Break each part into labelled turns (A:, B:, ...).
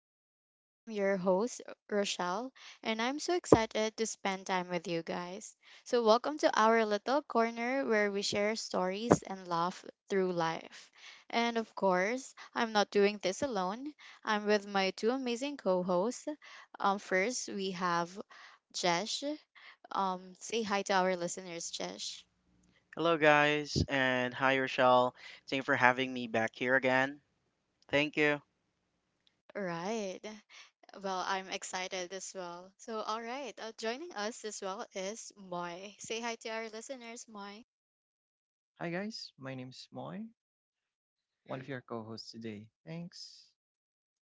A: talks. I'm your host, Rochelle, and I'm so excited to spend time with you guys. So, welcome to our little corner where we share stories and laugh through life. And of course, I'm not doing this alone. I'm with my two amazing co hosts. First, we have Jesh. Say hi to our listeners, Jesh.
B: Hello, guys, and hi, Rochelle. Thank you for having me back here again. Thank you.
A: Right. Well, I'm excited as well. So, all right, joining us as well is Moy. Say hi to our listeners, Moy.
C: Hi guys, my name is Moy, one of your co-hosts today. Thanks.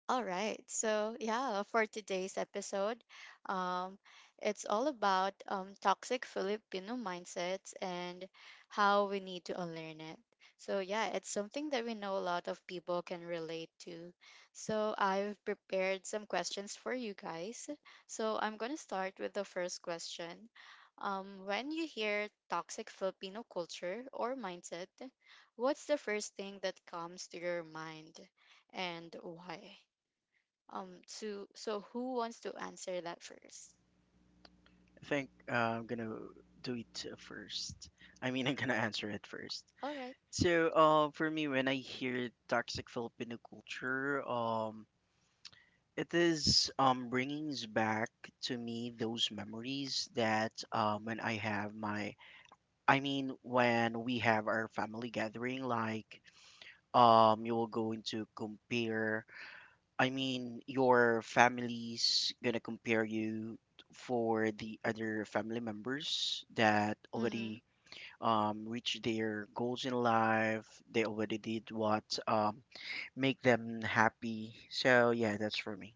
A: All right. So, yeah, for today's episode, um, it's all about toxic Filipino mindsets and how we need to unlearn it. So, yeah, it's something that we know a lot of people can relate to. So, I've prepared some questions for you guys. So, I'm going to start with the first question. When you hear toxic Filipino culture or mindset, what's the first thing that comes to your mind and why? To so who wants to answer that first?
B: I'm gonna do it first. I mean, I'm gonna answer it first.
A: All right.
B: So, for me, when I hear toxic Filipino culture, it is bringing back to me those memories that when I have when we have our family gathering, like you will go into compare I mean, your family's gonna compare you for the other family members that
A: Mm-hmm.
B: already reached their goals in life. They already did what make them happy. So yeah, that's for me.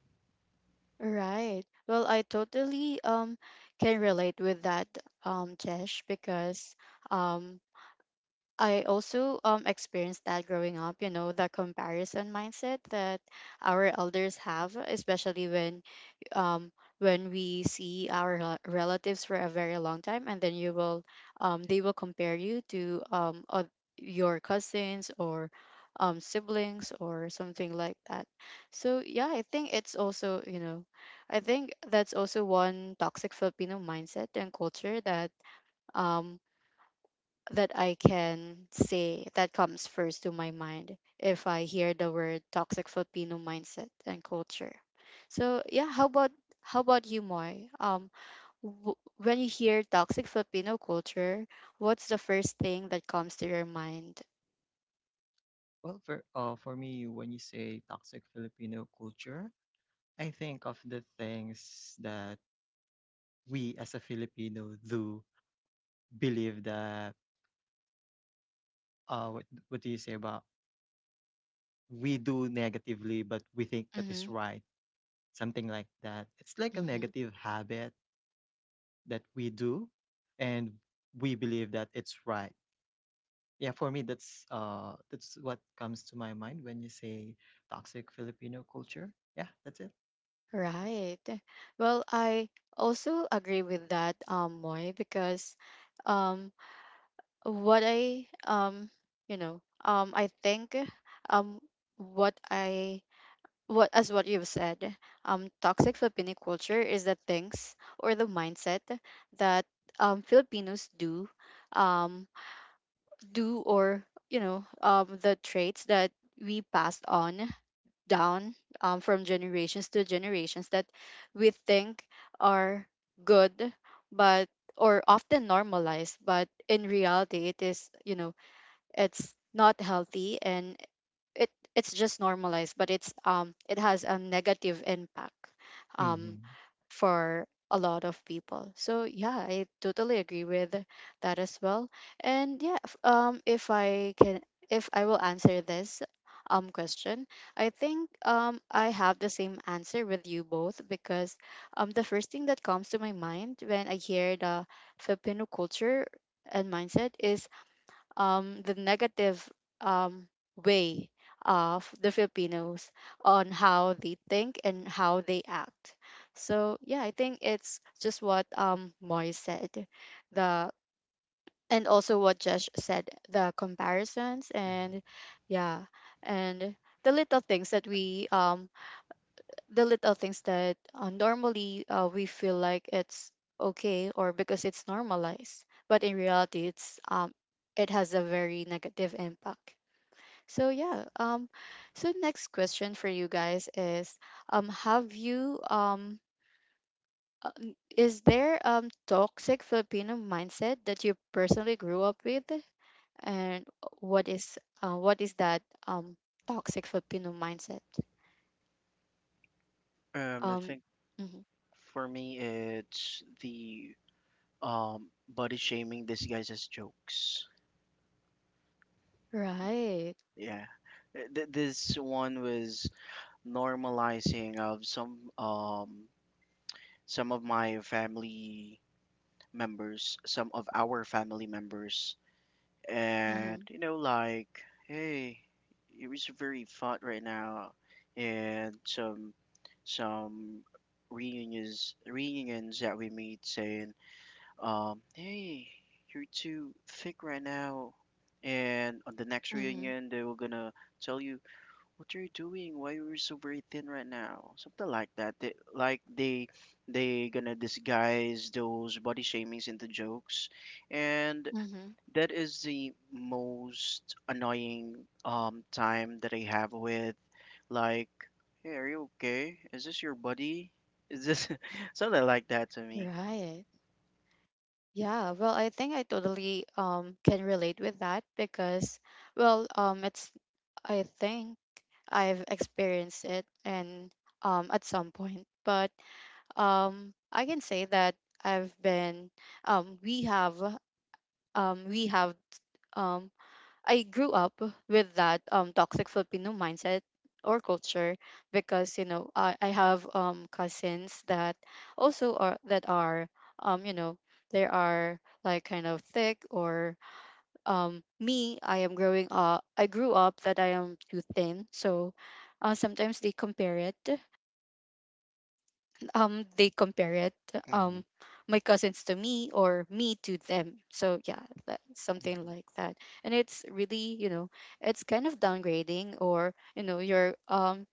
A: Right. Well, I totally can relate with that Jesh, because um I also experienced that growing up, you know, the comparison mindset that our elders have, especially um when we see our relatives for a very long time, and then you will they will compare you to your cousins or siblings or something like that. So yeah, I think it's also, you know, I think that's also one toxic Filipino mindset and culture that um that I can say that comes first to my mind if I hear the word toxic Filipino mindset and culture. So yeah, how about you, Moy? When you hear toxic Filipino culture, what's the first thing that comes to your mind?
C: Well, for me, when you say toxic Filipino culture, I think of the things that we as a Filipino do believe that what do you say about we do negatively, but we think that
A: Mm-hmm,
C: is right, something like that. It's like a
A: mm-hmm.
C: negative habit that we do, and we believe that it's right. Yeah, for me, that's what comes to my mind when you say toxic Filipino culture. Yeah, that's it.
A: Right. Well, I also agree with that, Moy, because um. what I you know I think um what I what as what you've said, toxic Filipino culture is the things or the mindset that Filipinos do um do or you know the traits that we passed on down, from generations to generations that we think are good but or often normalized, but in reality it is you know it's not healthy, and it's just normalized, but it has a negative impact um
C: hmm
A: for a lot of people. So yeah, I totally agree with that as well. And yeah, if I can if I will answer this question, I think I have the same answer with you both, because the first thing that comes to my mind when I hear the Filipino culture and mindset is the negative um, way of the Filipinos on how they think and how they act. So yeah, I think it's just what Moy said, the and also what Josh said, the comparisons, and yeah, and the little things that we the little things that normally we feel like it's okay or because it's normalized, but in reality it has a very negative impact. So so next question for you guys is have you is there toxic Filipino mindset that you personally grew up with, and what is what is that um toxic Filipino mindset?
B: I
A: um
B: think
A: mhm.
B: for me it's the body shaming disguised as jokes.
A: Right.
B: Yeah, this one was normalizing of some of some of our family members, and you know, like, hey, it was very fun right now, and some reunions that we made saying, hey, you're too thick right now, and on the next
A: Mm-hmm.
B: reunion they were gonna tell you, what are you doing? Why are you so very thin right now? Something like that. Like they gonna disguise those body shamings into jokes, and
A: Mm-hmm.
B: that is the most annoying time that I have with like, hey, are you okay? Is this your buddy? Is this something like that to me?
A: Right. Yeah. Well, I think I totally can relate with that because, well, it's I think I've experienced it and at some point, but I can say that I've been we have we have um. I grew up with that toxic Filipino mindset or culture, because you know I have cousins that also are that are, you know, they are like kind of thick, or me I am growing up I grew up that I am too thin, so sometimes they compare it
B: Mm-hmm.
A: um my cousins to me or me to them, so yeah, that, something
B: Hmm.
A: like that. And it's really you know it's kind of downgrading or you know you're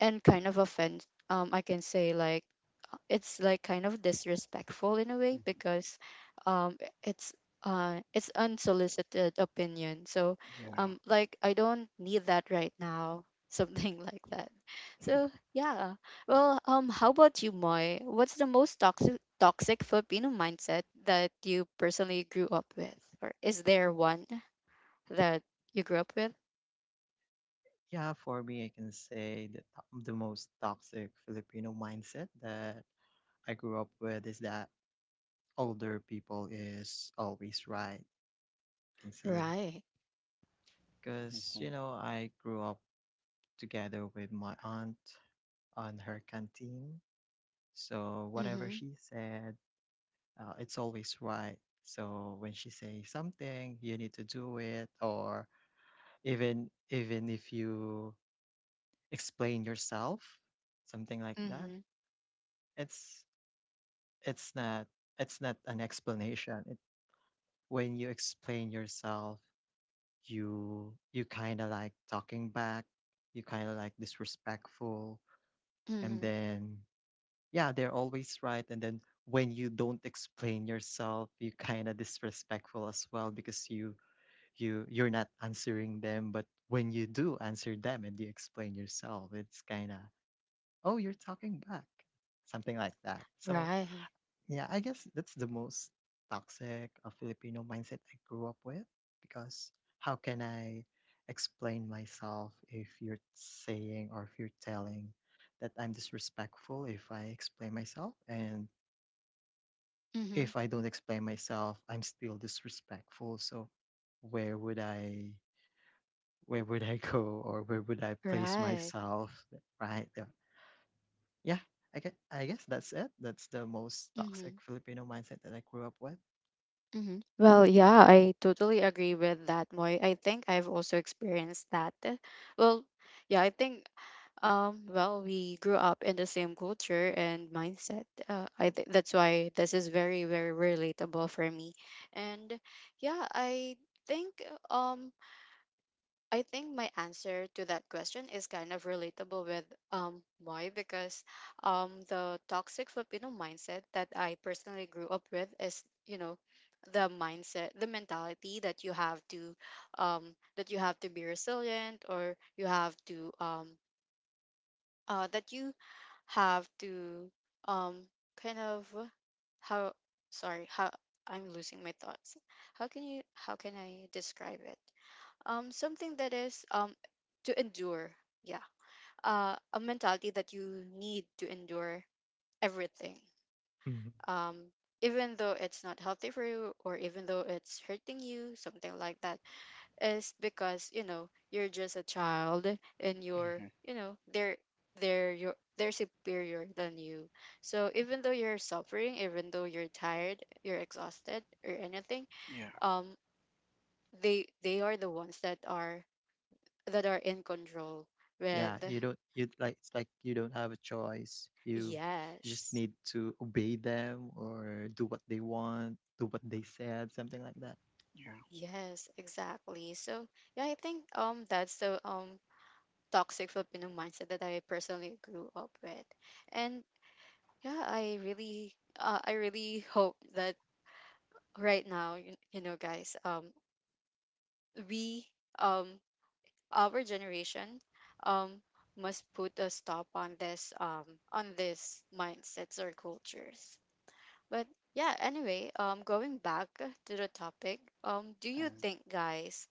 A: and kind of offense, I can say, like it's like kind of disrespectful in a way, because um i- it's it's unsolicited opinion. so
B: Yeah. Yeah,
A: um like I don't need that right now something like that. So yeah, well how about you, Moy? What's the most toxic Filipino mindset that you personally grew up with, or is there one that you grew up with?
C: Yeah, for me, I can say that the most toxic Filipino mindset that I grew up with is that older people is always right. I can say
A: Right.
C: because you know I grew up together with my aunt on her canteen, so whatever
A: Mhm.
C: she said, it's always right. So when she says something, you need to do it, or even if you explain yourself, something like that.
A: Mhm.
C: It's it's not it's not an explanation. When you explain yourself, you kind of like talking back, you kind of like disrespectful, and
A: Mhm.
C: then yeah, they're always right. And then when you don't explain yourself, you kind of disrespectful as well, because you're not answering them. But when you do answer them and you explain yourself, it's kind of, oh, you're talking back, something like that. So
A: Right.
C: yeah, I guess that's the most toxic Filipino mindset I grew up with, because how can I explain myself if you're saying or if you're telling that I'm disrespectful if I explain myself, and
A: Mhm.
C: if I don't explain myself, I'm still disrespectful. So where would i where would I go, or where would I place
A: Right.
C: myself, right? Yeah, yeah, I guess that's it. That's the most toxic
A: Mhm.
C: Filipino mindset that I grew up with.
A: Hmm. Well, yeah, I totally agree with that, Moy. I think I've also experienced that. Well, yeah, I think well we grew up in the same culture and mindset. I think that's why this is very very relatable for me. And yeah, think um I think my answer to that question is kind of relatable with why, because the toxic Filipino mindset that I personally grew up with is you know the mindset the mentality that you have to that you have to be resilient, or you have to that you have to um kind of how sorry how I'm losing my thoughts, how can you how can I describe it? Something that is to endure, yeah, a mentality that you need to endure everything,
C: hmm
A: um even though it's not healthy for you or even though it's hurting you, something like that, is because you know you're just a child, and
B: mm-hmm,
A: you know they're your they're superior than you. So even though you're suffering, even though you're tired, you're exhausted or anything,
B: yeah,
A: um they are the ones that are in control with
C: Yeah, you don't you like it's like you don't have a choice. You just
A: yes.
C: need to obey them or do what they want, do what they said, something like that.
B: yeah.
A: Yes, exactly. So yeah, I think that's the toxic Filipino mindset that I personally grew up with. And yeah, I really I really hope that right now you know guys we um our generation um must put a stop on this mindsets or cultures. But yeah, anyway, going back to the topic, do you
B: Um,
A: think, guys,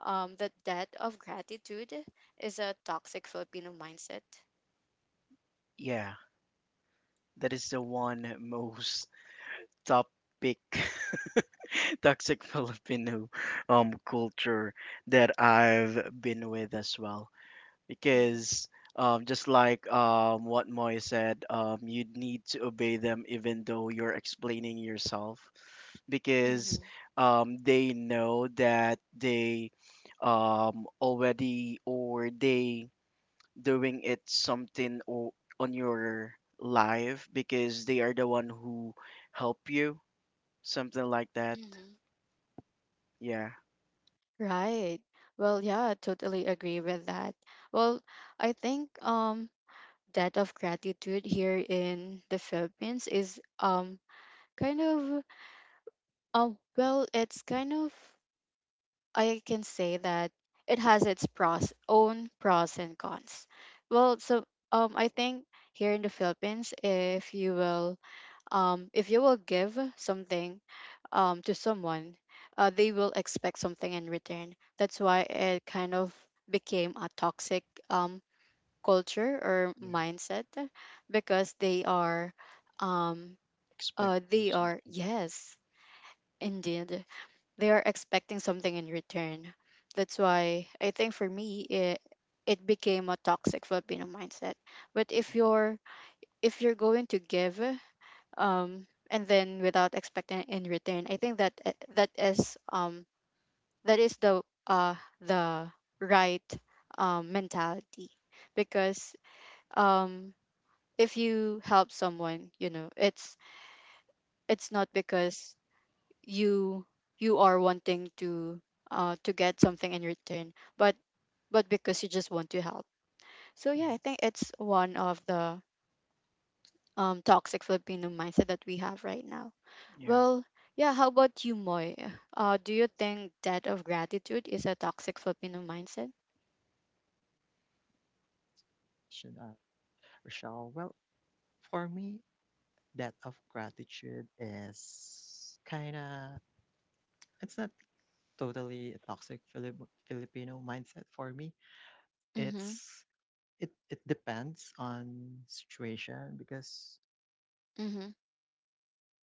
A: the debt of gratitude is a toxic Filipino mindset?
B: yeah, that is the one most topic toxic Filipino culture that I've been with as well.
A: Mm-hmm.
B: Because just like what Moy said, you need to obey them even though you're explaining yourself because
A: Mm-hmm.
B: they know that they already or they doing it something or on your life because they are the one who help you, something like that.
A: Mm-hmm.
B: Yeah.
A: Right. Well, yeah, I totally agree with that. Well, I think debt of gratitude here in the Philippines is kind of well, it's kind of I can say that it has its pros own pros and cons. Well, so I think here in the Philippines, if you will give something, to someone, they will expect something in return. That's why it kind of became a toxic um, culture or
B: Yeah.
A: mindset, because they are, um,
B: Expecting
A: they are
B: something.
A: yes, indeed, they are expecting something in return. That's why I think for me it it became a toxic Filipino mindset. But
B: Mhm.
A: if you're going to give and then without expecting in return, I think that that is uh the right mentality, because um if you help someone, you know, it's not because you you are wanting to get something in return, but but because you just want to help. So yeah,
B: Mhm.
A: I think it's one of the toxic Filipino mindset that we have right now.
B: Yeah.
A: Well, yeah, how about you, Moy? Do you think debt of gratitude is a toxic Filipino mindset?
C: Should, Rochelle? Well, for me, that of gratitude is kind of, it's not totally a toxic Filipino mindset for me.
A: Mm-hmm.
C: It's it depends on situation, because
A: Mm-hmm.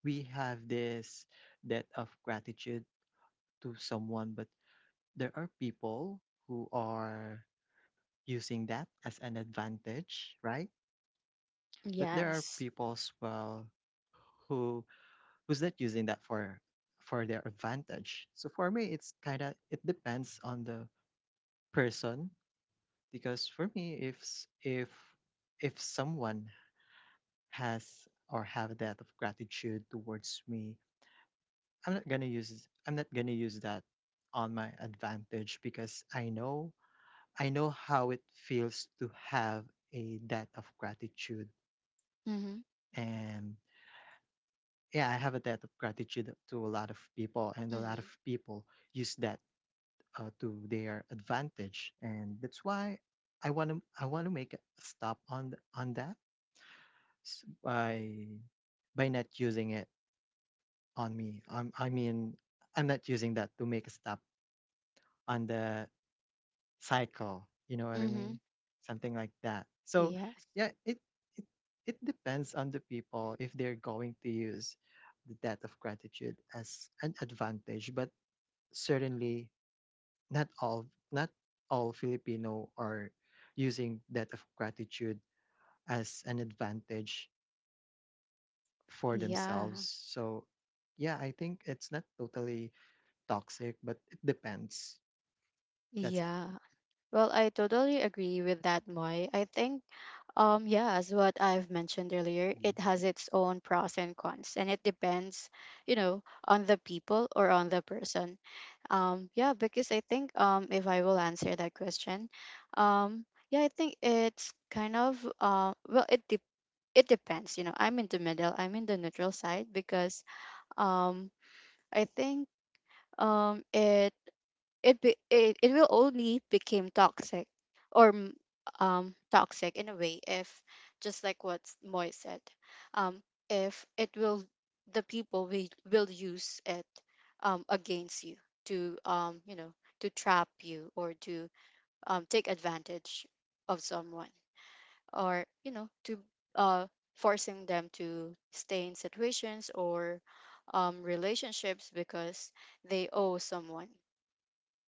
C: we have this debt of gratitude to someone, but there are people who are using that as an advantage, right? But there are
A: Yes.
C: people as well who who's not using that for their advantage. So for me, it's kind of, it depends on the person, because for me, if s- if someone has or have that of gratitude towards me, I'm not gonna use that on my advantage, because I know how it feels to have a debt of gratitude.
A: Mm-hmm.
C: And yeah, I have a debt of gratitude to a lot of people, and a lot
A: Mm-hmm.
C: of people use that to their advantage, and that's why I want to make a stop on on that, s- by by not using it on me. I mean, I'm not using that, to make a stop on the cycle. You know what I mean?
A: Mm-hmm.
C: Something like that. So
A: Yes.
C: yeah, it, it depends on the people if they're going to use the debt of gratitude as an advantage, but certainly not all Filipino are using debt of gratitude as an advantage for
A: Yeah.
C: themselves. So yeah, I think it's not totally toxic, but it depends. That's
A: Yeah. Well, I totally agree with that, Moy. I think, um, yeah, as what I've mentioned earlier, it
B: Mhm,
A: has its own pros and cons, and it depends, you know, on the people or on the person. Yeah, because I think if I will answer that question, um, yeah, I think it's kind of well, it depends. You know, I'm in the middle. I'm in the neutral side, because um, I think it it be, it will only become toxic or toxic in a way if just like what Moy said um if it will the people we will use it against you to you know to trap you or to take advantage of someone, or you know to uh forcing them to stay in situations or relationships because they owe someone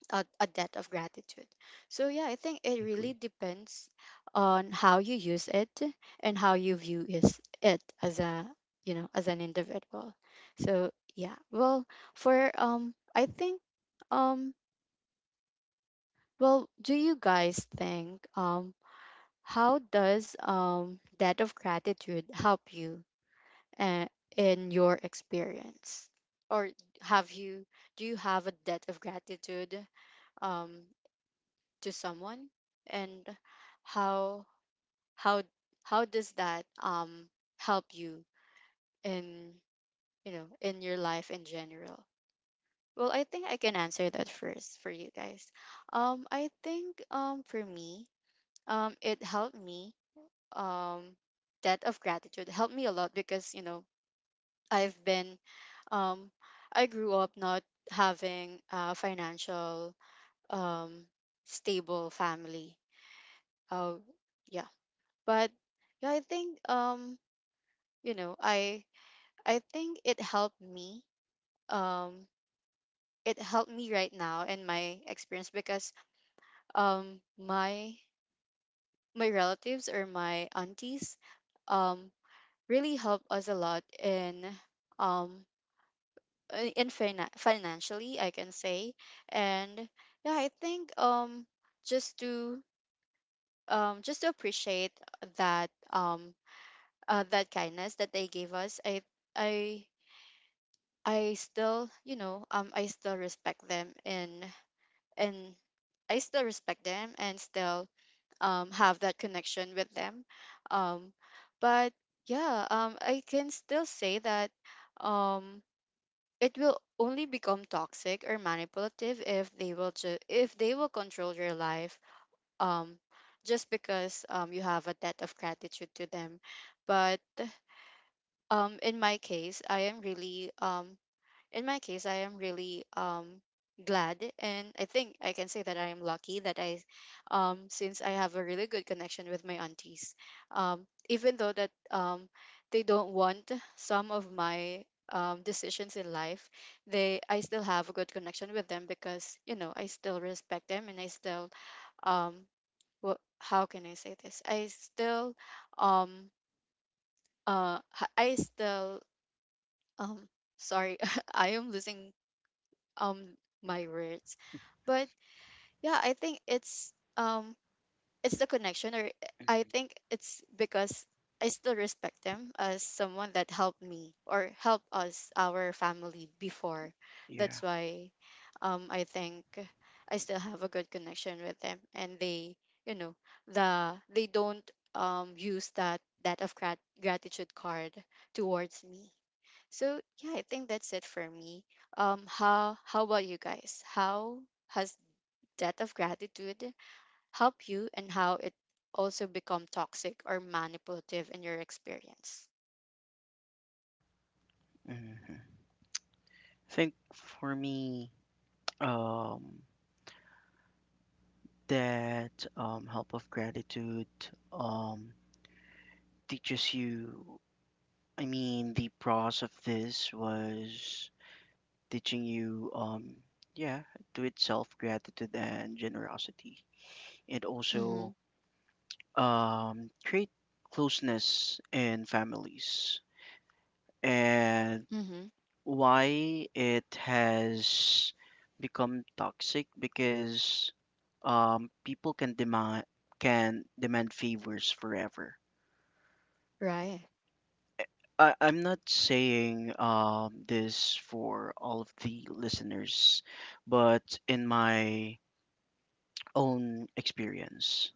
A: a debt of gratitude. So yeah, I think it really
C: Agree.
A: depends on how you use it and how you view is it as a you know as an individual. So yeah, well for I think um well, do you guys think, how does, debt of gratitude help you uh, in your experience? Or have you, do you have a debt of gratitude um to someone, and how how how does that, help you in, you know, in your life in general? Well, I think I can answer that first for you guys. I think for me, it helped me, um debt of gratitude helped me a lot because, you know, I've been, um I grew up not having a financial, um stable family. uh yeah, but yeah, I think you know, I think it helped me, um it helped me right now in my experience because, um my my relatives or my aunties um really help us a lot in, um financially, I can say. And yeah, I think just to, just to appreciate that, that kindness that they gave us, I I still, you know, I still respect them, and I still respect them and still have that connection with them. Um, but yeah, I can still say that um it will only become toxic or manipulative if they will if they will control your life um just because, you have a debt of gratitude to them. But um in my case, I am really um in my case, I am really glad, and I think I can say that I am lucky that I since I have a really good connection with my aunties. Even though that, they don't want some of my decisions in life, they I still have a good connection with them because, you know, I still respect them and I still, um how can I say this? I still, um I still, um sorry, I am losing um my words. But yeah, I think it's the connection, or I
B: mhm,
A: think it's because I still respect him as someone that helped me or helped us, our family, before. That's
B: yeah.
A: why, I think I still have a good connection with them, and they, you know, they don't use that, that of gratitude card towards me. So yeah, I think that's it for me. How about you guys? How has debt of gratitude help you, and how it also become toxic or manipulative in your experience?
B: Mhm. I think for me, um, that help of gratitude um, teaches you. I mean, the pros of this was teaching you, yeah, to itself gratitude and generosity, and
A: Mm-hmm.
B: also create closeness in families, and
A: Mm-hmm.
B: why it has become toxic because people can demand favors forever.
A: Right.
B: I'm not saying this for all of the listeners, but in my own experience,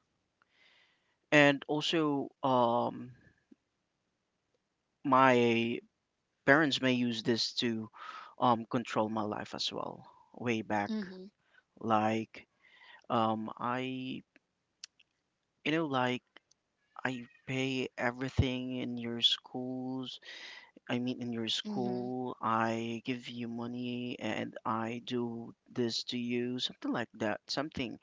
B: and also my parents may use this to control my life as well. Way back,
A: Mm-hmm.
B: like I, you know, like, I pay everything in your schools. I mean, in your
A: Mm-hmm.
B: school, I give you money and I do this to you, something like that. Something,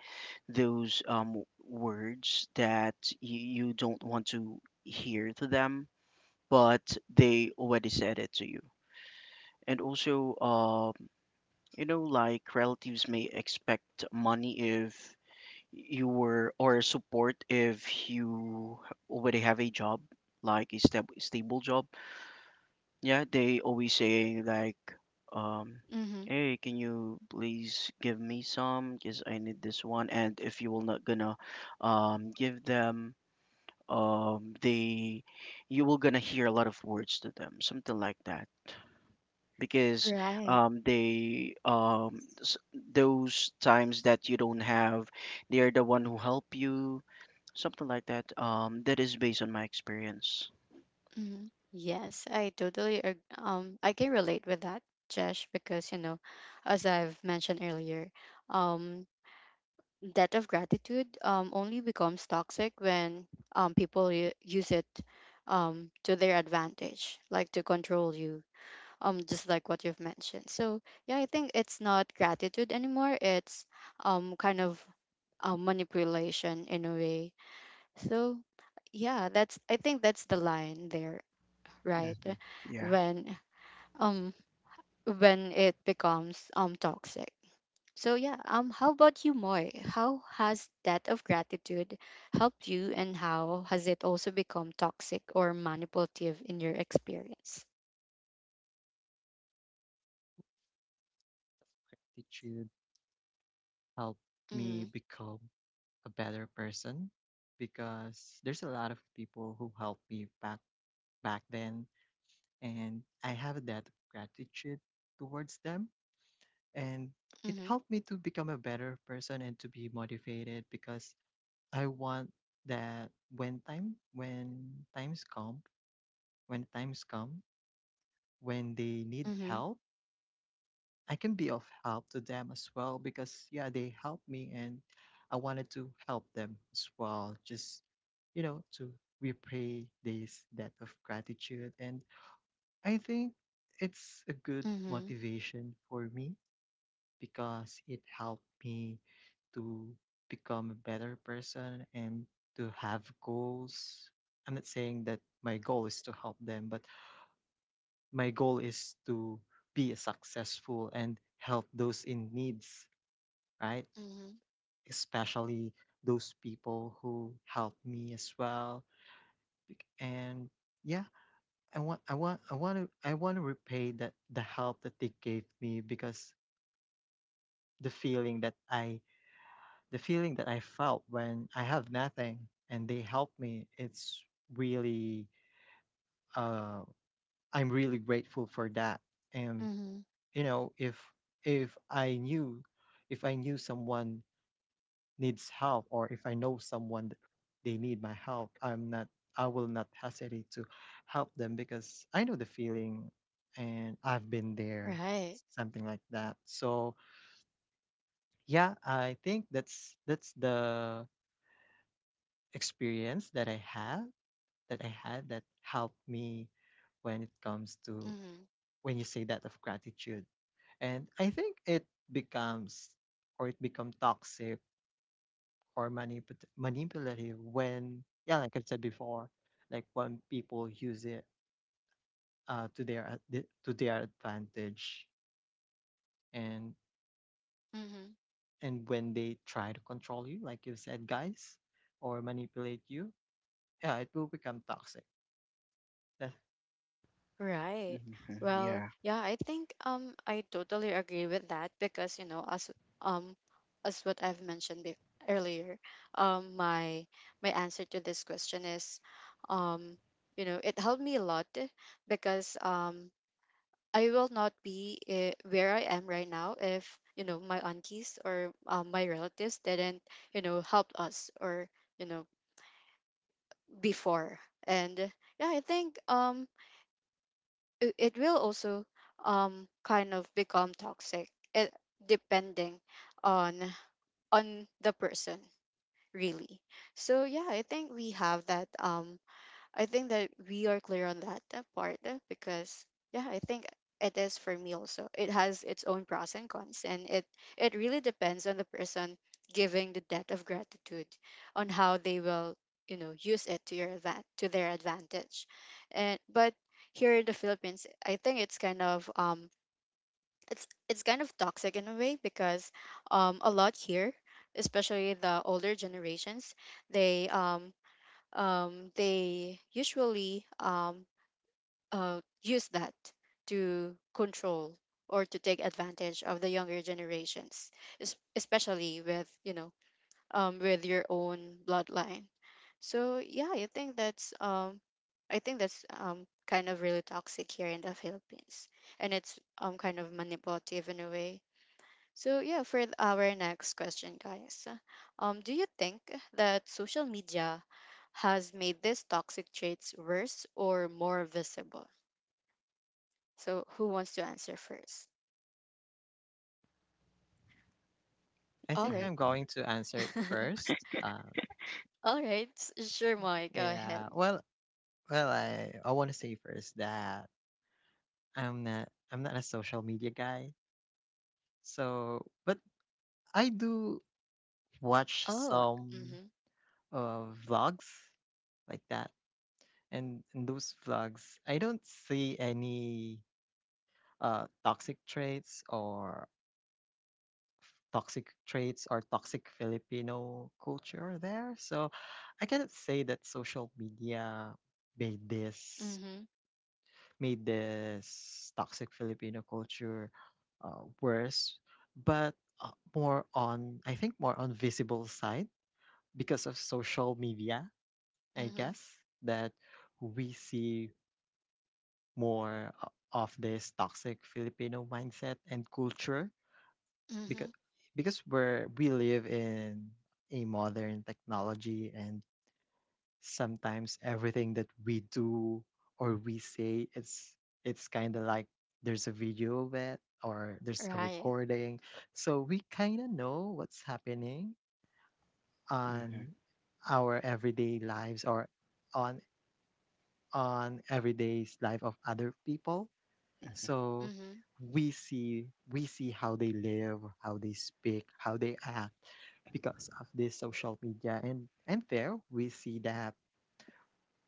B: those words that you don't want to hear to them, but they already said it to you. And also, you know, like relatives may expect money if you were or support if you already have a job, like a step stable job. Yeah, they always say like, um
A: Mm-hmm.
B: hey, can you please give me some because I need this one, and if you will not gonna give them, they, you will gonna hear a lot of words to them, something like that, because
A: Right.
B: um they um s- those times that you don't have, they are the one who help you, something like that. That is based on my experience.
A: Mm-hmm. Yes, I totally I can relate with that, Jesh, because, you know, as I've mentioned earlier, um debt of gratitude only becomes toxic when people use it to their advantage, like to control you, just like what you've mentioned. So yeah, I think it's not gratitude anymore, it's kind of manipulation in a way. So yeah, that's, I think that's the line there, right?
B: Hmm. Yeah.
A: When um when it becomes, toxic. So yeah, how about you, Moy? How has that of gratitude helped you, and how has it also become toxic or manipulative in your experience?
C: Gratitude helped
A: Mm-hmm.
C: me become a better person, because there's a lot of people who helped me back then, and I have that gratitude towards them, and it helped me to become a better person and to be motivated, because I want that when time when times come when times come when they need
A: Mm-hmm.
C: help, I can be of help to them as well. Because yeah, they helped me, and I wanted to help them as well. Just to repay this debt of gratitude. And I think it's a good
A: Mm-hmm.
C: motivation for me, because it helped me to become a better person and to have goals. I'm not saying that my goal is to help them, but my goal is to be successful and help those in needs, right?
A: Mhm.
C: Especially those people who helped me as well. And yeah, I want I want I want to repay that the help that they gave me, because the feeling that I the feeling that I felt when I have nothing and they help me, it's really uh I'm really grateful for that. And
A: Mhm.
C: you know, if if I knew if I knew someone needs help, or if I know someone they need my help, I will not hesitate to help them, because I know the feeling and I've been there,
A: Right.
C: something like that. So yeah, I think that's the experience that I had that helped me when it comes to,
A: Mhm.
C: when you say that of gratitude. And I think it becomes or it become toxic or manipulative when, yeah, like I've said before, like when people use it to their to their advantage, and
A: Mhm.
C: when they try to control you, like you said, guys, or manipulate you, yeah, it will become toxic. That-
A: Right.
B: Hmm.
A: Well,
B: Yeah.
A: yeah, I think I totally agree with that because, you know, um as what I've mentioned bef earlier, um my my answer to this question is, um you know, it helped me a lot because, I will not be where I am right now if, you know, my aunties or, my relatives didn't, you know, help us or, you know, before. And yeah, I think it will also kind of become toxic, depending on on the person, really. So yeah, I think we have that, I think that we are clear on that, part, because yeah, I think it is for me also. It has its own pros and cons, and it really depends on the person giving the debt of gratitude, on how they will, you know, use it to your to their advantage. And but here in the Philippines, I think it's kind of toxic in a way because, a lot here, especially the older generations, they um they usually, use that to control or to take advantage of the younger generations, especially with, you know, with your own bloodline. So yeah, I think that's I think that's, kind of really toxic here in the Philippines, and it's, kind of manipulative in a way. So yeah, for our next question, guys, do you think that social media has made these toxic traits worse or more visible? So who wants to answer first?
C: I
A: All
C: think
A: right,
C: I'm going to answer it first.
A: all right, sure, Moy, go ahead.
C: Yeah, well, I want to say first that I'm not a social media guy, so, but I do watch
A: Oh,
C: some
A: mm-hmm.
C: vlogs like that. And in those vlogs, I don't see any toxic traits, or toxic Filipino culture there. So I cannot say that social media made this
A: Mm-hmm.
C: made this toxic Filipino culture worse, but, more on I think more on visible side, because of social media, I
A: Mm-hmm.
C: guess, that we see more of this toxic Filipino mindset and culture,
A: Mm-hmm.
C: because we live in a modern technology, and sometimes everything that we do or we say, it's kind of like, there's a video of it, or there's a
A: Right.
C: recording. So we kind of know what's happening
B: Mm-hmm.
C: on our everyday lives, or on on everyday's life of other people. So
A: Mm-hmm.
C: we see how they live, how they speak, how they act, because of this social media. And there we see that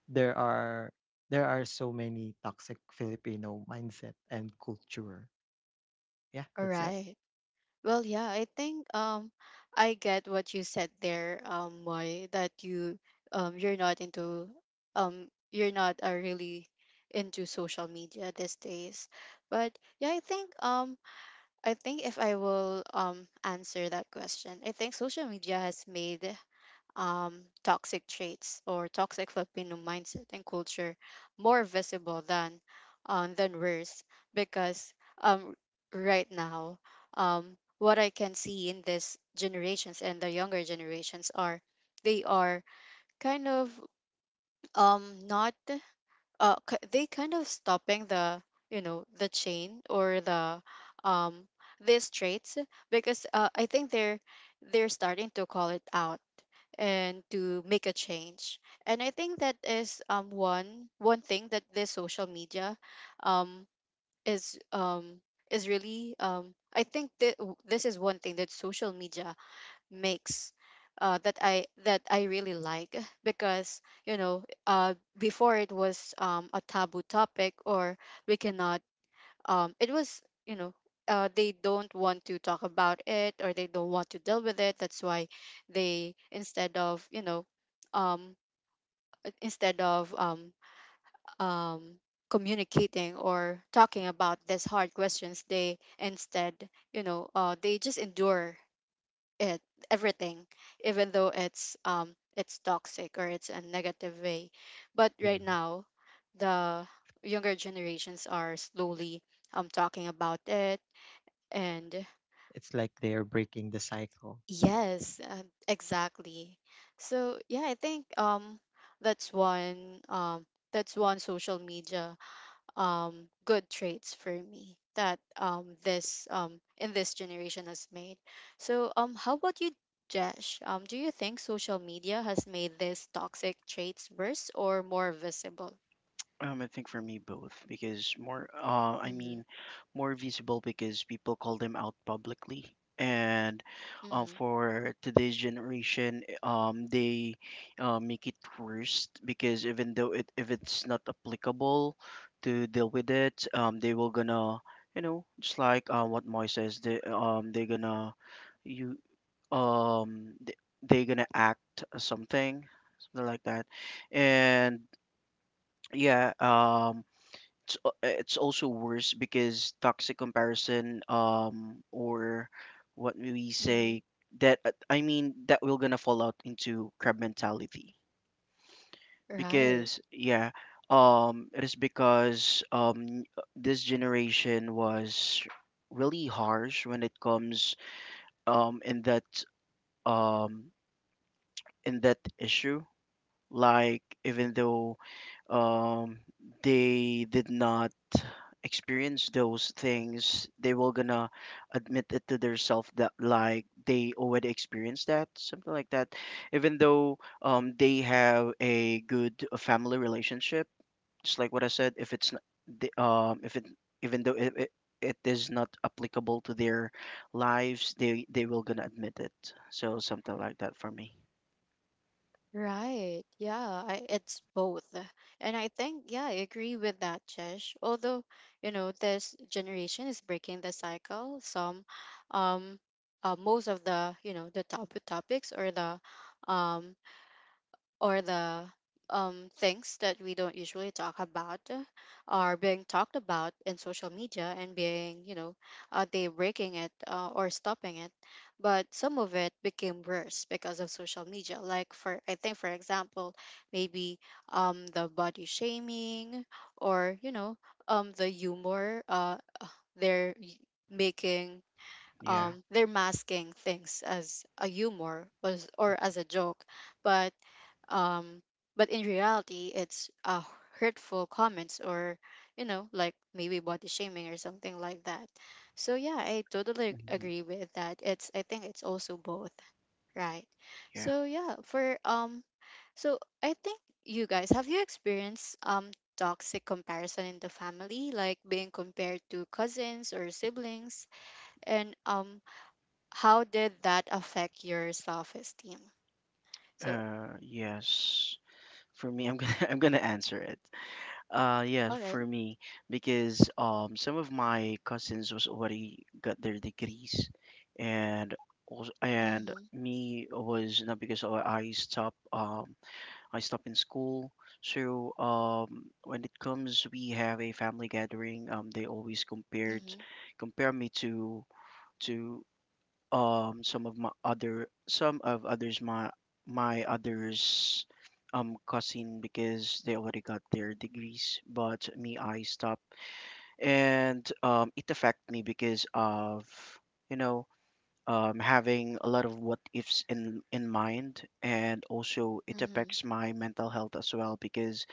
C: there are there are so many toxic Filipino mindset and culture. Yeah,
A: All
C: that's it.
A: right. Well, yeah, I think I get what you said there, why that you, you're not into, you're not really into social media these days. But yeah, I think if I will answer that question, I think social media has made, toxic traits or toxic Filipino mindset and culture more visible than, than worse because, um, right now, what I can see in this generations and the younger generations are, they are kind of, um not, they kind of stopping the, you know, the chain, or the, um these traits because, I think they're starting to call it out, and to make a change. And I think that is, one thing that this social media, um is um is really, I think that this is one thing that social media makes, that I really like because, you know, before, it was a taboo topic, or we cannot, it was, you know, they don't want to talk about it, or they don't want to deal with it. That's why they, instead of, you know, um, instead of, um, communicating or talking about these hard questions, they instead, you know, they just endure it, everything, even though it's, it's toxic, or it's a negative way. But
C: Yeah.
A: right now, the younger generations are slowly, talking about it. And
C: It's like they're breaking the cycle.
A: yes, exactly. So yeah, I think that's one, that's one social media, good traits for me that, this, in this generation has made. So, how about you, Jesh? Do you think social media has made these toxic traits worse or more visible?
B: I think for me both, because more
A: Mhm.
B: more visible because people call them out publicly, and
A: Mhm.
B: for today's generation they make it worse because even though it, if it's not applicable to deal with it, they will gonna, you know, just like what Moy says, they they're gonna, you they gonna act something, something like that. And yeah, it's, it's also worse because toxic comparison or what we
A: Mhm.
B: say, that that we're gonna fall out into crab mentality,
A: Right.
B: because yeah, it is because this generation was really harsh when it comes um in that um in that issue, like even though um they did not experience those things, they will gonna admit it to themselves that like they already experienced that, something like that, even though they have a good family relationship. Just like what I said, if it's not the, if it even though it, it is not applicable to their lives, they will gonna admit it, so something like that for me.
A: Right. Yeah, I, it's both. And I think, yeah, I agree with that, Chesh. Although, you know, this generation is breaking the cycle. Some, um, most of the, you know, the topics, um, or the things that we don't usually talk about are being talked about in social media, and being, you know, they breaking it, or stopping it. But some of it became worse because of social media. Like for, I think for example, maybe, the body shaming, or, you know, the humor. They're y- making,
B: Yeah.
A: they're masking things as a humor was, or as a joke, but, um but in reality it's, hurtful comments, or, you know, like maybe body shaming or something like that. So yeah, I totally
B: Mhm.
A: agree with that. It's, I think it's also both, right?
B: Yeah.
A: So yeah, for, so I think, you guys, have you experienced, toxic comparison in the family, like being compared to cousins or siblings, and, how did that affect your self-esteem? So,
B: Yes. For me, I'm gonna I'm gonna answer it. Yeah,
A: all right.
B: for me, because some of my cousins was already got their degrees, and also, and
A: Mm-hmm.
B: me was not because I stop I stop in school. So when it comes, we have a family gathering. They always compared
A: Mm-hmm.
B: compare me to some of my other some of others my my others cousin because they already got their degrees, but me, I stopped. And it affect me because of, you know, having a lot of what ifs in mind, and also it
A: Mm-hmm.
B: affects my mental health as well because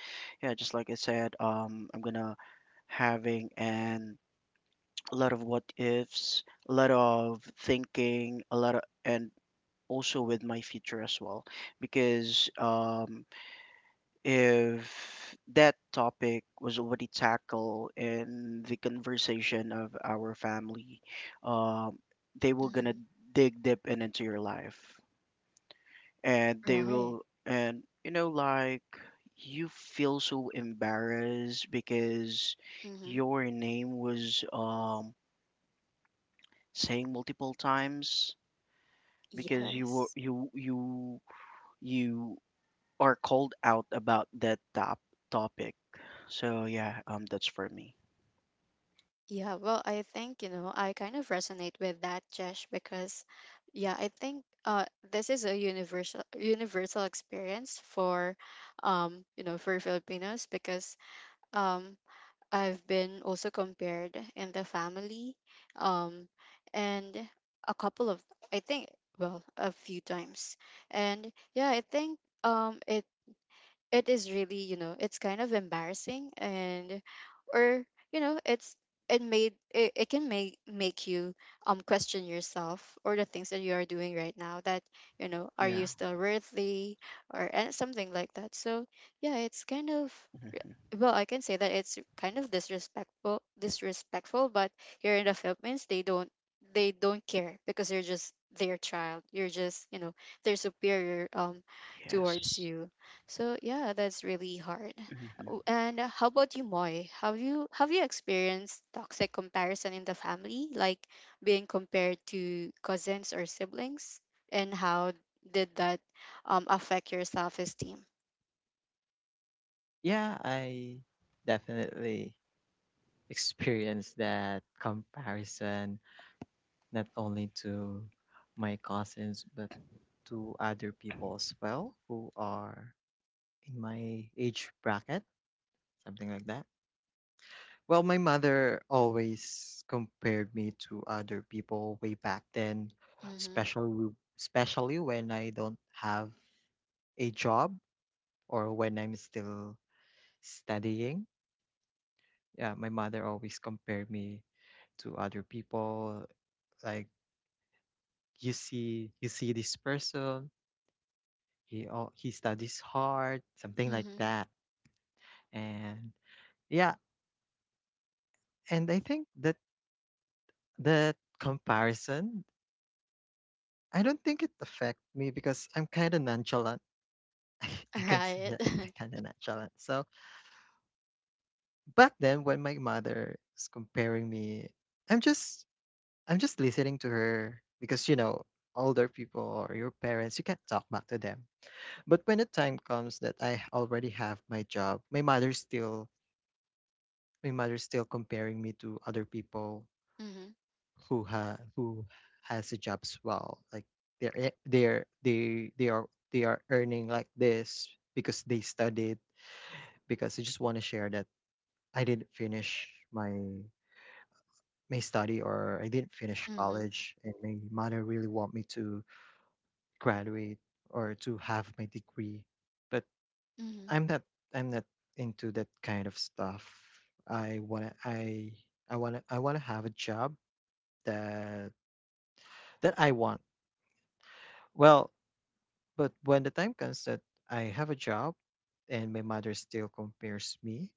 B: yeah, just like I said, I'm gonna having and a lot of what ifs, a lot of thinking, a lot of, and also with my future as well because if that topic was already tackled in the conversation of our family, um, they were gonna
A: Mhm.
B: dig deep in into your life, and they
A: Right.
B: will, and you know, like, you feel so embarrassed because
A: Hmm.
B: your name was saying multiple times because you were
A: Yes.
B: you you you or called out about that topic. So yeah, that's for me.
A: Yeah, well, I think, you know, I kind of resonate with that, Jesh, because yeah, I think this is a universal experience for, you know, for Filipinos because, um I've been also compared in the family, um and a couple of, I think, well, a few times. And yeah, I think it is really, you know, it's kind of embarrassing, and or, you know, it's, it made it, it can make you, question yourself or the things that you are doing right now, that, you know, are
B: Yeah.
A: you still worthy, or and something like that. So yeah, it's kind of,
B: Hmm.
A: well, I can say that it's kind of disrespectful. But here in the Philippines, they don't, they don't care because you're just their child, you're just, you know, they're superior, towards
B: Yes.
A: you. So yeah, that's really hard.
B: Hmm.
A: Oh, and how about you, Moy? Have you, have you experienced toxic comparison in the family, like being compared to cousins or siblings, and how did that, affect your self-esteem?
C: Yeah, I definitely experienced that comparison, not only to my cousins, but to other people as well who are in my age bracket, something like that. Well, my mother always compared me to other people way back then,
A: Mm-hmm.
C: especially especially when I don't have a job, or when I'm still studying. Yeah, my mother always compared me to other people, like, you see this person. He studies hard, something like that. And yeah, and I think that that comparison, I don't think it affect me, because I'm kind of nonchalant. I I
A: Mm-hmm.
C: can say
A: Right.
C: it. I kind of nonchalant. So back then, when my mother is comparing me, I'm just I'm just listening to her, because older people or your parents, you can't talk back to them. But when the time comes that I already have my job, my mother's still comparing me to other people
A: Mhm.
C: who has a job, well, like, they're e- they're they are earning like this, because they studied. Because I just want to share that I didn't finish my study, or I didn't finish
A: Mhm.
C: college, and my mother really want me to graduate or to have my degree, but
A: Mhm.
C: i'm not I'm not into that kind of stuff. I want to I want to have a job that that I want. Well, but when the time comes that I have a job and my mother still compares me,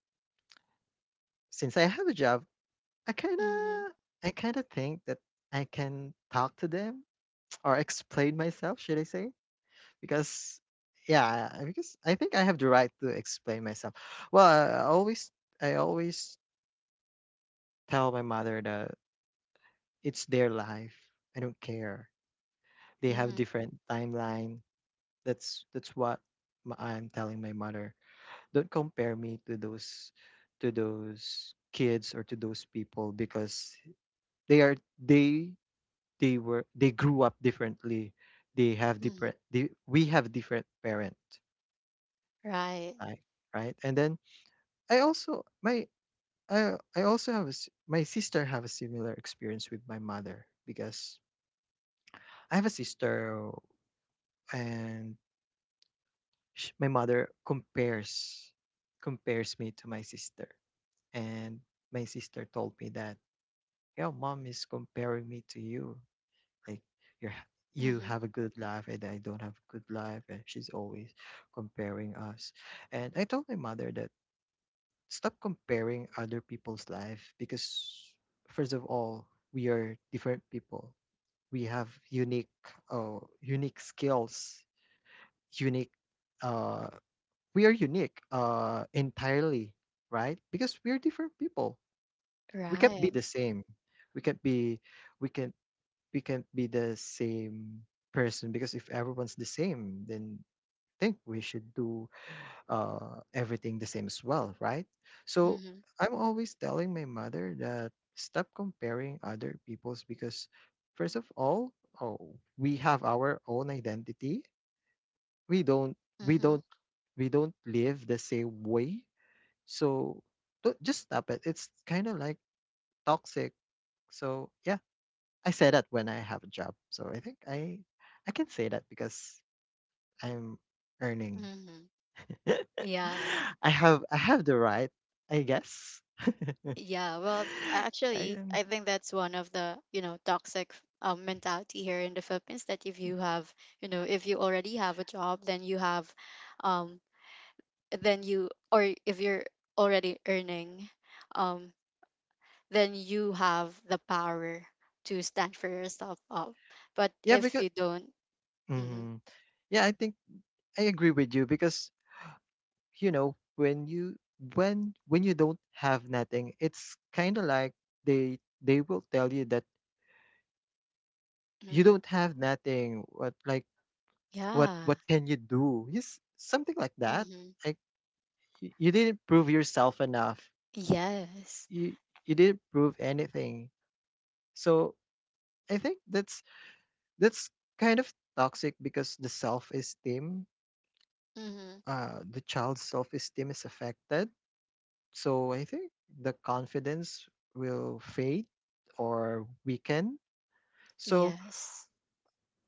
C: since I have a job, I kind
A: Mhm.
C: of I kind of think that I can talk to them, or explain myself, should I say? Because yeah, because I think I have the right to explain myself. Well, I always tell my mother that it's their life. I don't care. They have
A: Mhm.
C: different timeline. That's what I'm telling my mother. Don't compare me to those kids, or to those people, because they are they were they grew up differently. They have
A: Mhm.
C: different they, we have different parent,
A: Right.
C: right right? And then i also my I also my sister have a similar experience with my mother, because I have a sister, and my mother compares me to my sister, and my sister told me that, yeah, mom is comparing me to you. Like you're ha- you
A: Mhm.
C: have a good life and I don't have a good life and she's always comparing us. And I told my mother that stop comparing other people's life because first of all, we are different people. We have unique skills, unique uh we are unique entirely, right? Because we are different people. We can't be
A: Right.
C: the same. We can't be we can we can't be the same person because if everyone's the same, then I think we should do everything the same as well, right? So
A: Mhm.
C: I'm always telling my mother that stop comparing other people's because first of all, oh, we have our own identity. We don't we
A: Mhm.
C: don't we don't live the same way. So don't, just stop it. It's kind of like toxic. So yeah, I say that when I have a job. So I think I can say that because I'm earning.
A: Mhm. Yeah.
C: I have the right, I guess.
A: Yeah. Well,
C: I
A: actually,
C: can,
A: I think that's one of the, you know, toxic, mentality here in the Philippines, that if you have, you know, if you already have a job, then you have, um then you, or if you're already earning, um then you have the power to stand for yourself up. But
C: yeah,
A: if
C: because
A: you don't. Mm-hmm.
C: mhm. Yeah, I think I agree with you because you know when you don't have nothing, it's kind of like they will tell you that you
A: Hmm.
C: don't have nothing. What like what
A: Yeah.
C: what can you do? Yes, something like that.
A: Hmm.
C: Like you didn't prove yourself enough,
A: Yes.
C: you you didn't prove anything. So I think that's that's kind of toxic because
A: Hmm.
C: the child's self esteem is affected. So I think the confidence will fade or weaken. So
A: Yes.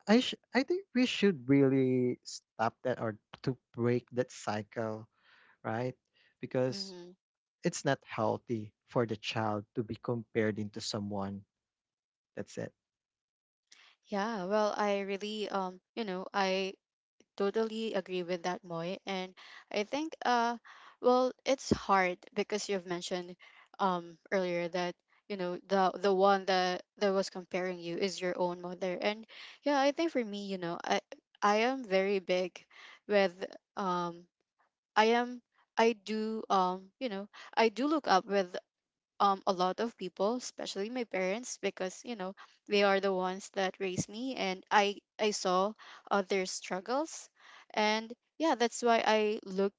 C: I think we should really stop that or to break that cycle, right? Because
A: Hmm.
C: it's not healthy for the child to be compared into someone. That's it.
A: Yeah. Well, I really, I totally agree with that, Moy. And I think, well, it's hard because you've mentioned, earlier that the one that was comparing you is your own mother. And yeah, I think for me, I am very big with, um I am, I do, I do look up with, a lot of people, especially my parents, because they are the ones that raised me, and I saw, their struggles. And yeah, that's why I look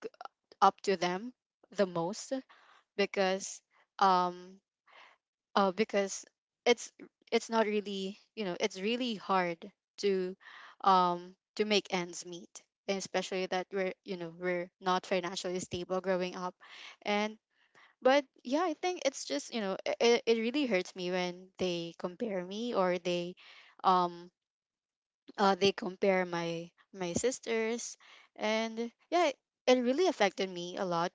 A: up to them the most, because um uh, because it's it's not really you know it's really hard to, to make ends meet, and especially that we're you know we're not financially stable growing up. And but yeah, I think it's just, it really hurts me when they compare me, or they, um compare my sisters. And yeah, it really affected me a lot,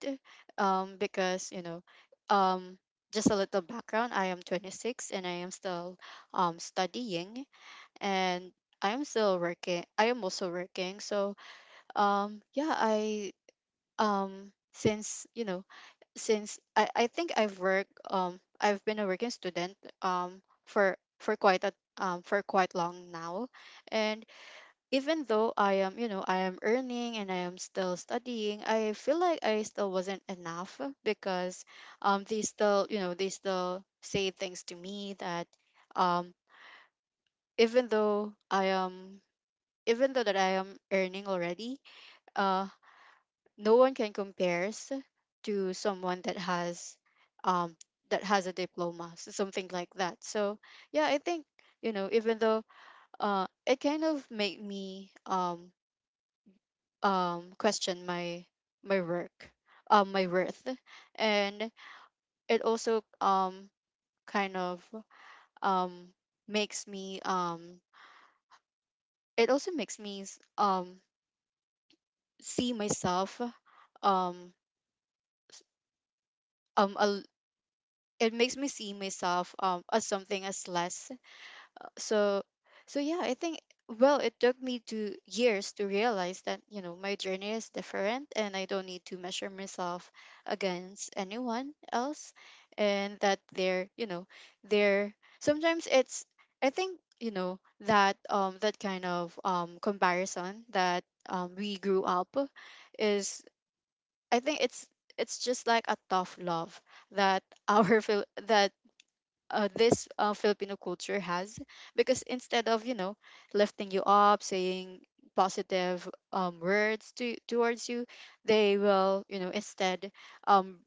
A: because um just a little background, I am 26 and I am still, studying. And I am still working, I am also working. So, yeah, I, since since, I think I've worked, I've been a working student, for quite a, for quite long now. And even though I am, I am earning and I am still studying, I feel like I still wasn't enough, because they still, they still say things to me that, um even though I am, even though that I am earning already, uh no one can compares to someone that has, um that has a diploma, so something like that. So yeah, I think, even though, it kind of made me, question my work my worth. And it also, kind of, um makes me, it also makes me, see myself, um um a, l- it makes me see myself, as something as less. So yeah, I think, well, it took me 2 years to realize that my journey is different, and I don't need to measure myself against anyone else. And that they're you know they're sometimes it's, I think that, that kind of, comparison that, we grew up is, I think it's just like a tough love that our feel that, this, Filipino culture has, because instead of lifting you up, saying positive, words to towards you, they will instead, um,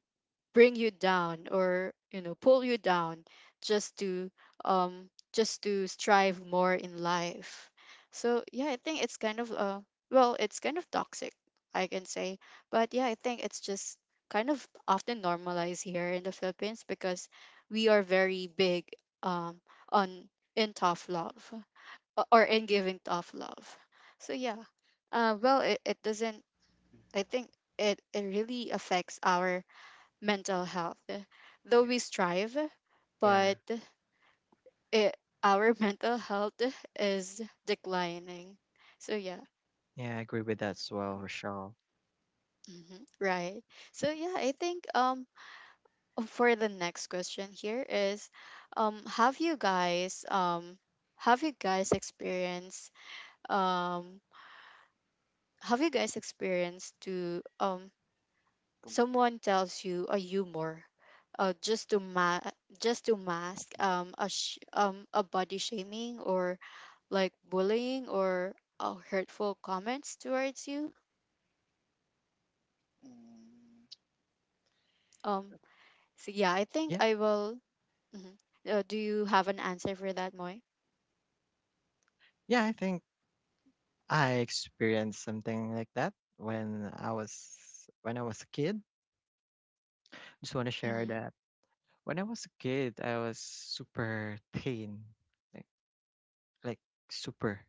A: bring you down, or pull you down, just to, just to strive more in life. So yeah, I think it's kind of, well, it's kind of toxic, I can say. But yeah, I think it's just kind of often normalized here in the Philippines because we are very big, um on in tough love, or in giving tough love. So yeah, well, it doesn't, I think it really affects our mental health. Though
B: Yeah.
A: we strive,
C: Yeah.
A: but, it, our mental health is declining. So yeah.
C: Yeah, I agree with that as well,
B: Mm,
C: Rochelle.
A: Hmm, right. So yeah, I think, for the next question here is, um have you guys um have you guys experienced um have you guys experienced to,
B: compare.
A: someone tells you a humor, just to, just to mask,
B: Um,
A: a body shaming, or like bullying, or, hurtful comments towards you.
B: mm,
A: um so yeah, I think
C: Yeah,
A: I will. Mhm. Do you have an answer for that, Moy?
C: yeah, I think I experienced something like that when I was a kid. Just want to share
A: Mhm.
C: that when I was a kid, I was super thin, like like super.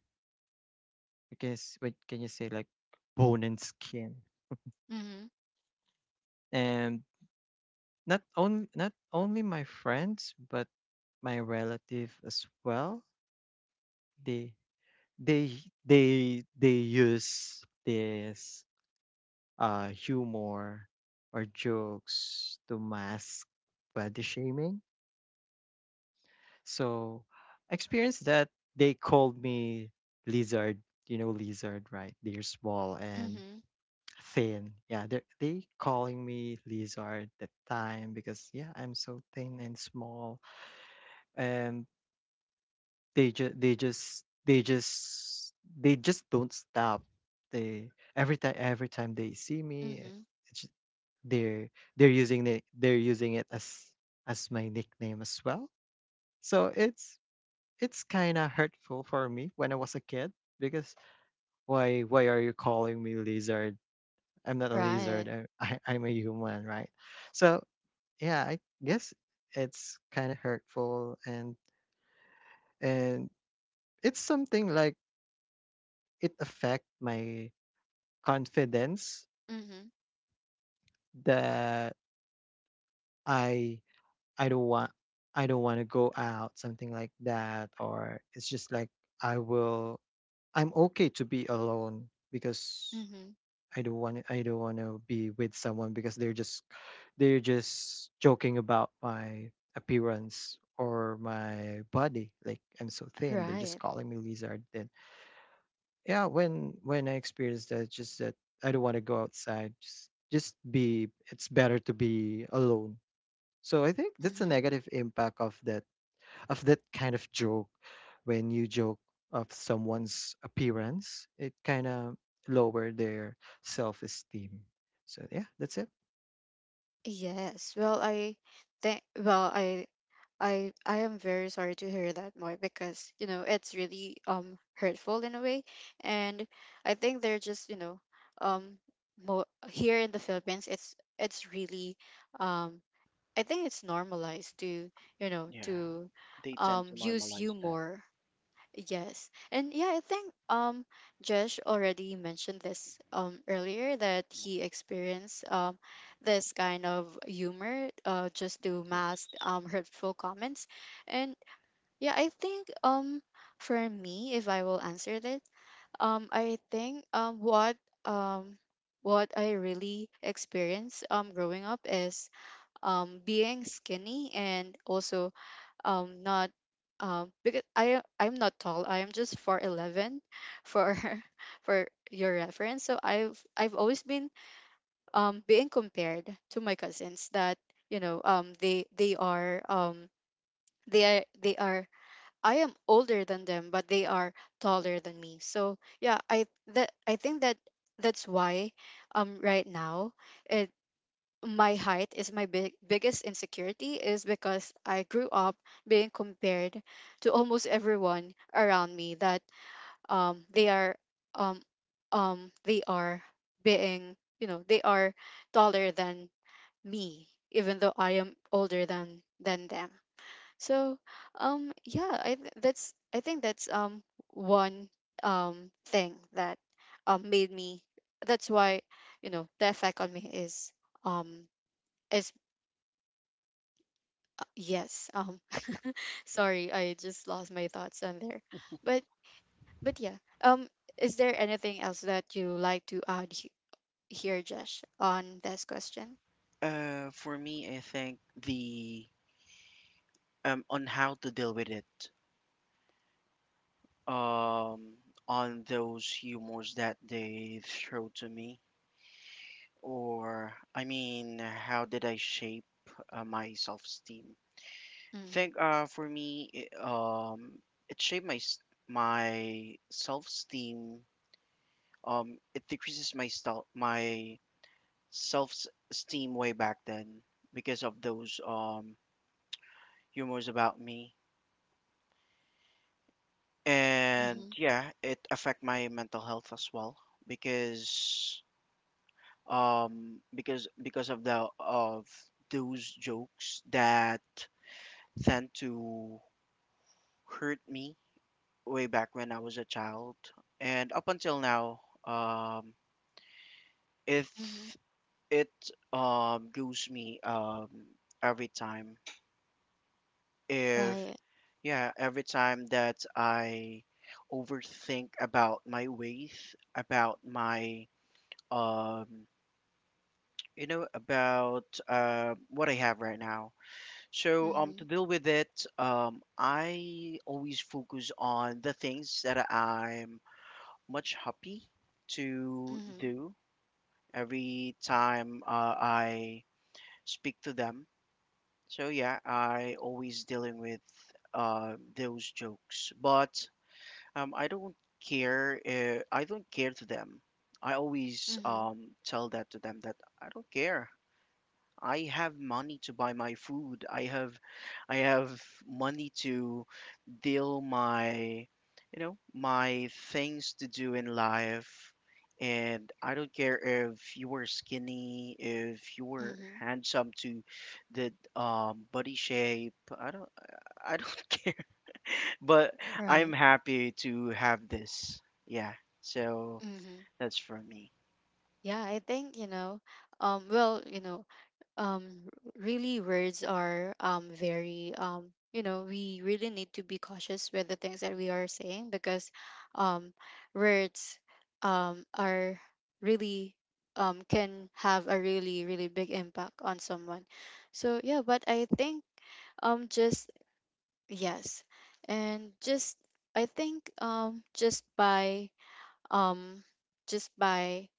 C: Because what can you say, like bone and skin,
A: Mhm.
C: and not only my friends but my relative as well. They they they use this humor or jokes to mask body shaming. So experience that they called me lizard. You know lizard, right? They're small and
A: Mhm.
C: thin. Yeah, they calling me lizard that time because yeah, I'm so thin and small, and they just they just they just they just don't stop. They every time they see me,
A: Mhm.
C: they're they're using it, as my nickname as well, so it's kind of hurtful for me when I was a kid because why are you calling me lizard, I'm not a lizard,
A: Right.
C: I'm a human, right? So yeah, I guess it's kind of hurtful, and it's something like it affect my confidence,
A: Mhm.
C: that i I don't want, to go out, something like that, or it's just like I will, I'm okay to be alone because
A: Mhm.
C: I don't want to be with someone because they're just joking about my appearance or my body, like I'm so thin, they're just
A: Right.
C: calling me lizard then yeah, when I experienced that it's just that I don't want to go outside, just be, it's better to be alone. So I think that's a
A: Mhm.
C: negative impact of that, of that kind of joke. When you joke of someone's appearance, it kind of lower their self-esteem. So yeah, that's it.
A: Yes. Well, I think, well, I am very sorry to hear that, Moy, because it's really, hurtful in a way. And I think they're just, um here in the Philippines it's really, um I think it's normalized to,
B: yeah.
A: to,
B: They tend to
A: use
B: normalize that.
A: humor. Yes. And yeah, I think, Josh already mentioned this, earlier, that
B: Yeah.
A: he experienced, this kind of humor, just to
B: Yes.
A: mask, hurtful comments. And yeah, I think, for me, if I will answer this, I think, um what I really experienced, growing up is, being skinny, and also, not, because I'm not tall. I am just 4'11 for for your reference. So I've always been, being compared to my cousins that, they are, they are, I am older than them, but they are taller than me. So yeah, I think that's why, right now, it my height is my biggest insecurity, is because I grew up being compared to almost everyone around me, that, they are, um they are being, they are taller than me, even though I am older than them. So, yeah, I, that's I think that's, one, thing that, made me, that's why the effect on me is um is. Yes. Sorry, I just lost my thoughts on there. But but yeah. Um is there anything else that you like to add, here, Josh, on this question?
B: For me, I think the on how to deal with it. Um, on those humors that they throw to me, or I mean, how did I shape my self-esteem? Think
A: Mhm.
B: for me it shaped my self-esteem, it decreases my self my self-esteem way back then because of those humors about me, and
A: Mhm.
B: yeah, it affect my mental health as well because because of the of those jokes that tend to hurt me way back when I was a child, and up until now,
A: Mhm.
B: if it gives me every time, if
A: Right.
B: yeah, every time that I overthink about my weight, about my um you know, about what I have right now. So to
A: Mhm.
B: deal with it, I always focus on the things that I'm much happy to
A: Mhm.
B: do every time I speak to them. So yeah, I always dealing with those jokes, but I don't care. I don't care to them. I always
A: Mhm.
B: tell that to them that I don't care. I have money to buy my food. I have money to deal my, you know, my things to do in life. And I don't care if you were skinny, if you were
A: Mhm.
B: handsome, to the body shape, I don't I don't care, but I'm
A: Right.
B: happy to have this. Yeah, so
A: Mhm.
B: that's for me.
A: Yeah, I think, um well, you know, um really, words are, very, we really need to be cautious with the things that we are saying, because, um words, are really, can have a really, really big impact on someone. So yeah, but I think, just, yes. And just, I think, um just by,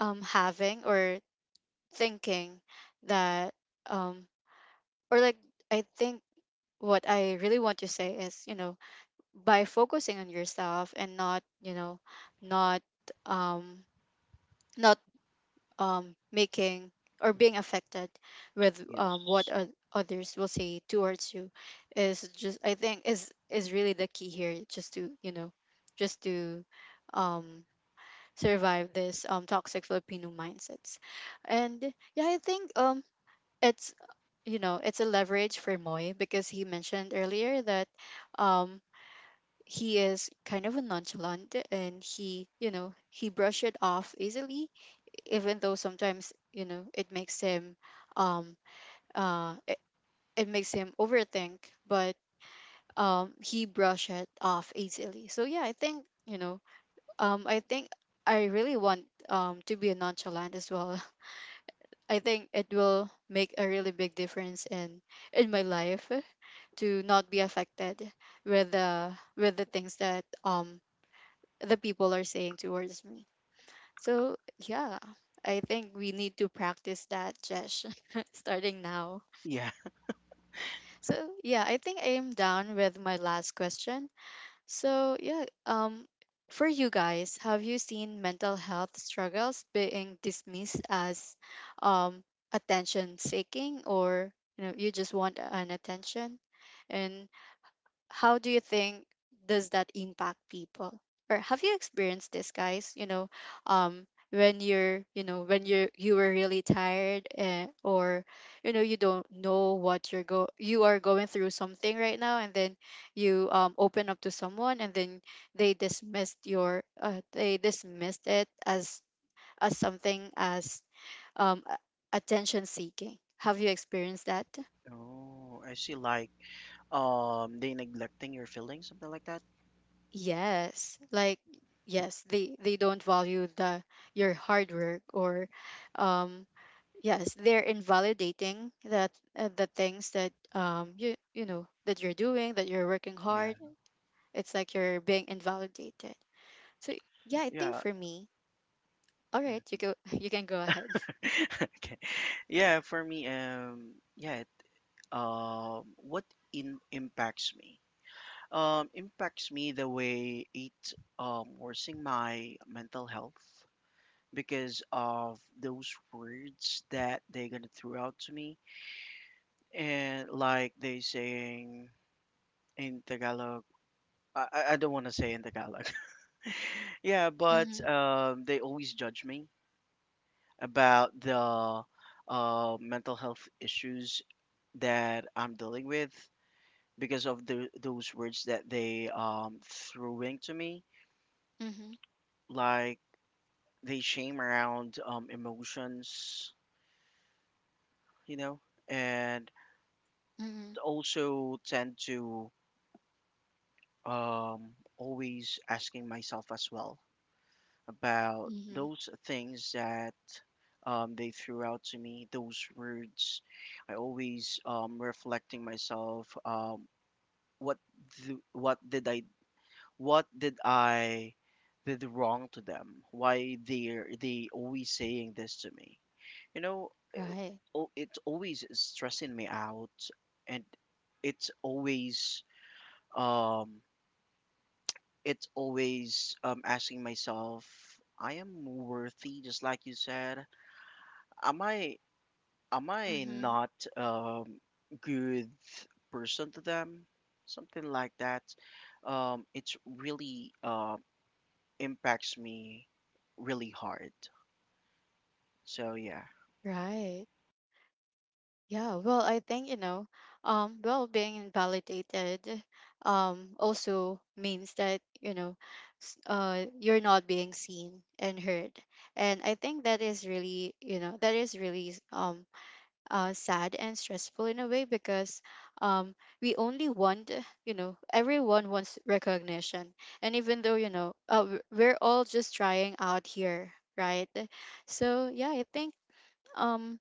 A: having or thinking, that, um or like, I think what I really want to say is, by focusing on yourself and not, not, um not making or
B: Mm,
A: being affected with, what,
B: yes,
A: others will say towards you, is just, I think, is really the key here, just to, just to um survive this, toxic Filipino mindsets. And yeah, I think, it's you know it's a leverage for Moy, because he mentioned earlier that, um he is kind of a nonchalant, and he you know he brush it off easily. Even though sometimes it makes him, um uh it, it makes him overthink. But, he brush it off easily. So yeah, I think, um i think I really want, to be a nonchalant as well. I think it will make a really big difference in my life, to not be affected with the things that, the people are saying towards me. So yeah, I think we need to practice that, Jesh, starting now.
B: yeah.
A: So yeah, I think I am down with my last question. So yeah, for you guys, have you seen mental health struggles being dismissed as, um attention seeking, or you just want an attention? And how do you think does that impact people, or have you experienced this, guys? When you're, when you were really tired, eh, or you don't know what, you are going through something right now. And then you, open up to someone, and then they dismissed it as, something as, attention seeking. Have you experienced that?
B: Oh, I see, like they neglecting your feelings, something like that?
A: Yes, like, yes, they don't value the, your hard work, or, um yes, they're invalidating that, the things that, you, you know that you're doing, that you're working
B: Yeah.
A: hard. It's like you're being invalidated. So yeah, I think
B: Yeah.
A: for me, all right,
B: Mm-hmm.
A: you go. you can go ahead.
B: Okay. Yeah, for me, yeah, what in impacts me? Impacts me the way it worsen my mental health because of those words that they're gonna throw out to me, and like they saying in Tagalog. I don't want to say in Tagalog. Yeah, but
A: Mhm.
B: they always judge me about the mental health issues that I'm dealing with because of the, those words that they threw into me.
A: Mhm.
B: Like they shame around emotions, you know, and
A: Mhm.
B: also tend to um, always asking myself as well about
A: Mhm.
B: those things that they threw out to me, those words. I always reflecting myself. What what did I, what did I did wrong to them? Why they're they always saying this to me? You know, it,
A: Right.
B: it's always stressing me out, and it's always um it's always asking myself, I am worthy, just like you said. Am I,
A: Mhm.
B: not um good person to them? Something like that, it's really impacts me really hard. So yeah,
A: Right. Yeah, well, I think, well, being invalidated, also means that, you're not being seen and heard. And I think that is really, sad and stressful in a way, because, um, we only want, everyone wants recognition. And even though, we're all just trying out here, right? So, yeah, I think. Um,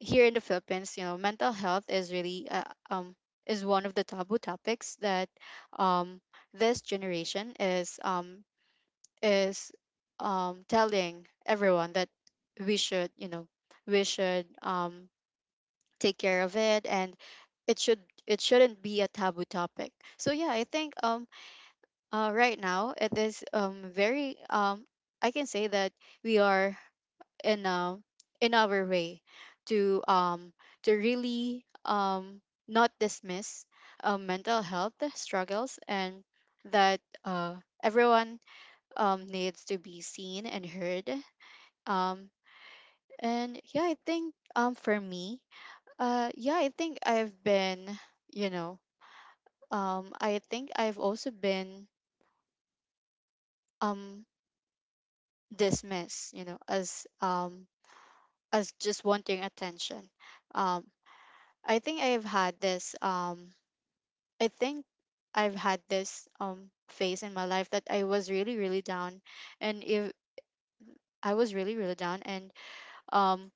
A: here in the Philippines, mental health is really, um is one of the taboo topics that, um this generation is telling everyone that we should, you know, we should, take care of it. And it should it shouldn't be a taboo topic. So yeah, I think, right now it is, very, I can say that we are in, a in our way to, to really, not dismiss, mental health struggles. And that, everyone, needs to be seen and heard. um and yeah, I think, for me, yeah, I think I've been, you know I've also been, um dismissed, as, as just wanting attention. um I think I've had this, I think phase in my life that I was really really down. And if I was really really down, and, um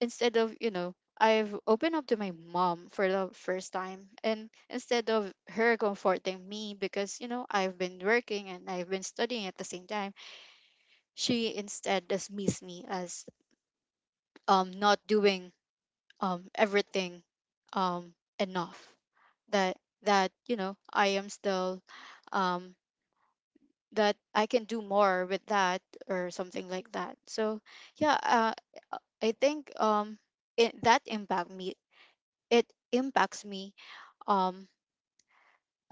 A: instead of, I've opened up to my mom for the first time. And instead of her comforting me, because I've been working and I've been studying at the same time, she instead dismissed me as, not doing, everything, um enough. That, I am still, um that I can do more with that, or something like that. So yeah, I think, it, that impact me it impacts me, um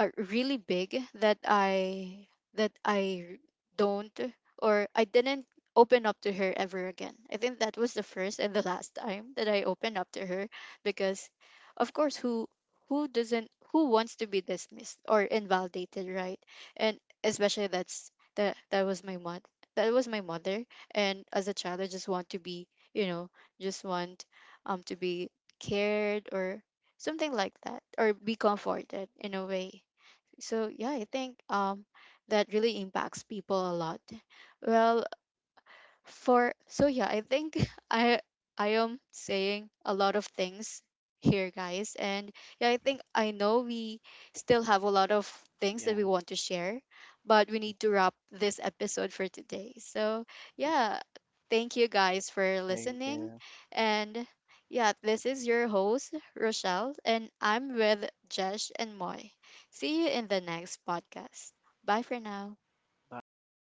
A: are really big, that I, that I don't, or I didn't open up to her ever again. I think that was the first and the last time that I opened up to her, because of course who doesn't, who wants to be dismissed or invalidated, right? And especially that was my mother, that was my mother. And as a child, I just want to be, you know, just want to be cared, or something like that, or be comforted in a way. So yeah, I think, that really impacts people a lot. Well, for, so yeah, I think I I am saying a lot of things here, guys. And yeah, I think I know we still have a lot of things that we
B: yeah.
A: want to share, but we need to wrap this episode for today. So yeah, thank you guys for
B: Thank
A: listening.
B: you.
A: And yeah, this is your host, Rochelle, and I'm with Jesh and Moy. See you in the next podcast. Bye for now.
B: Bye.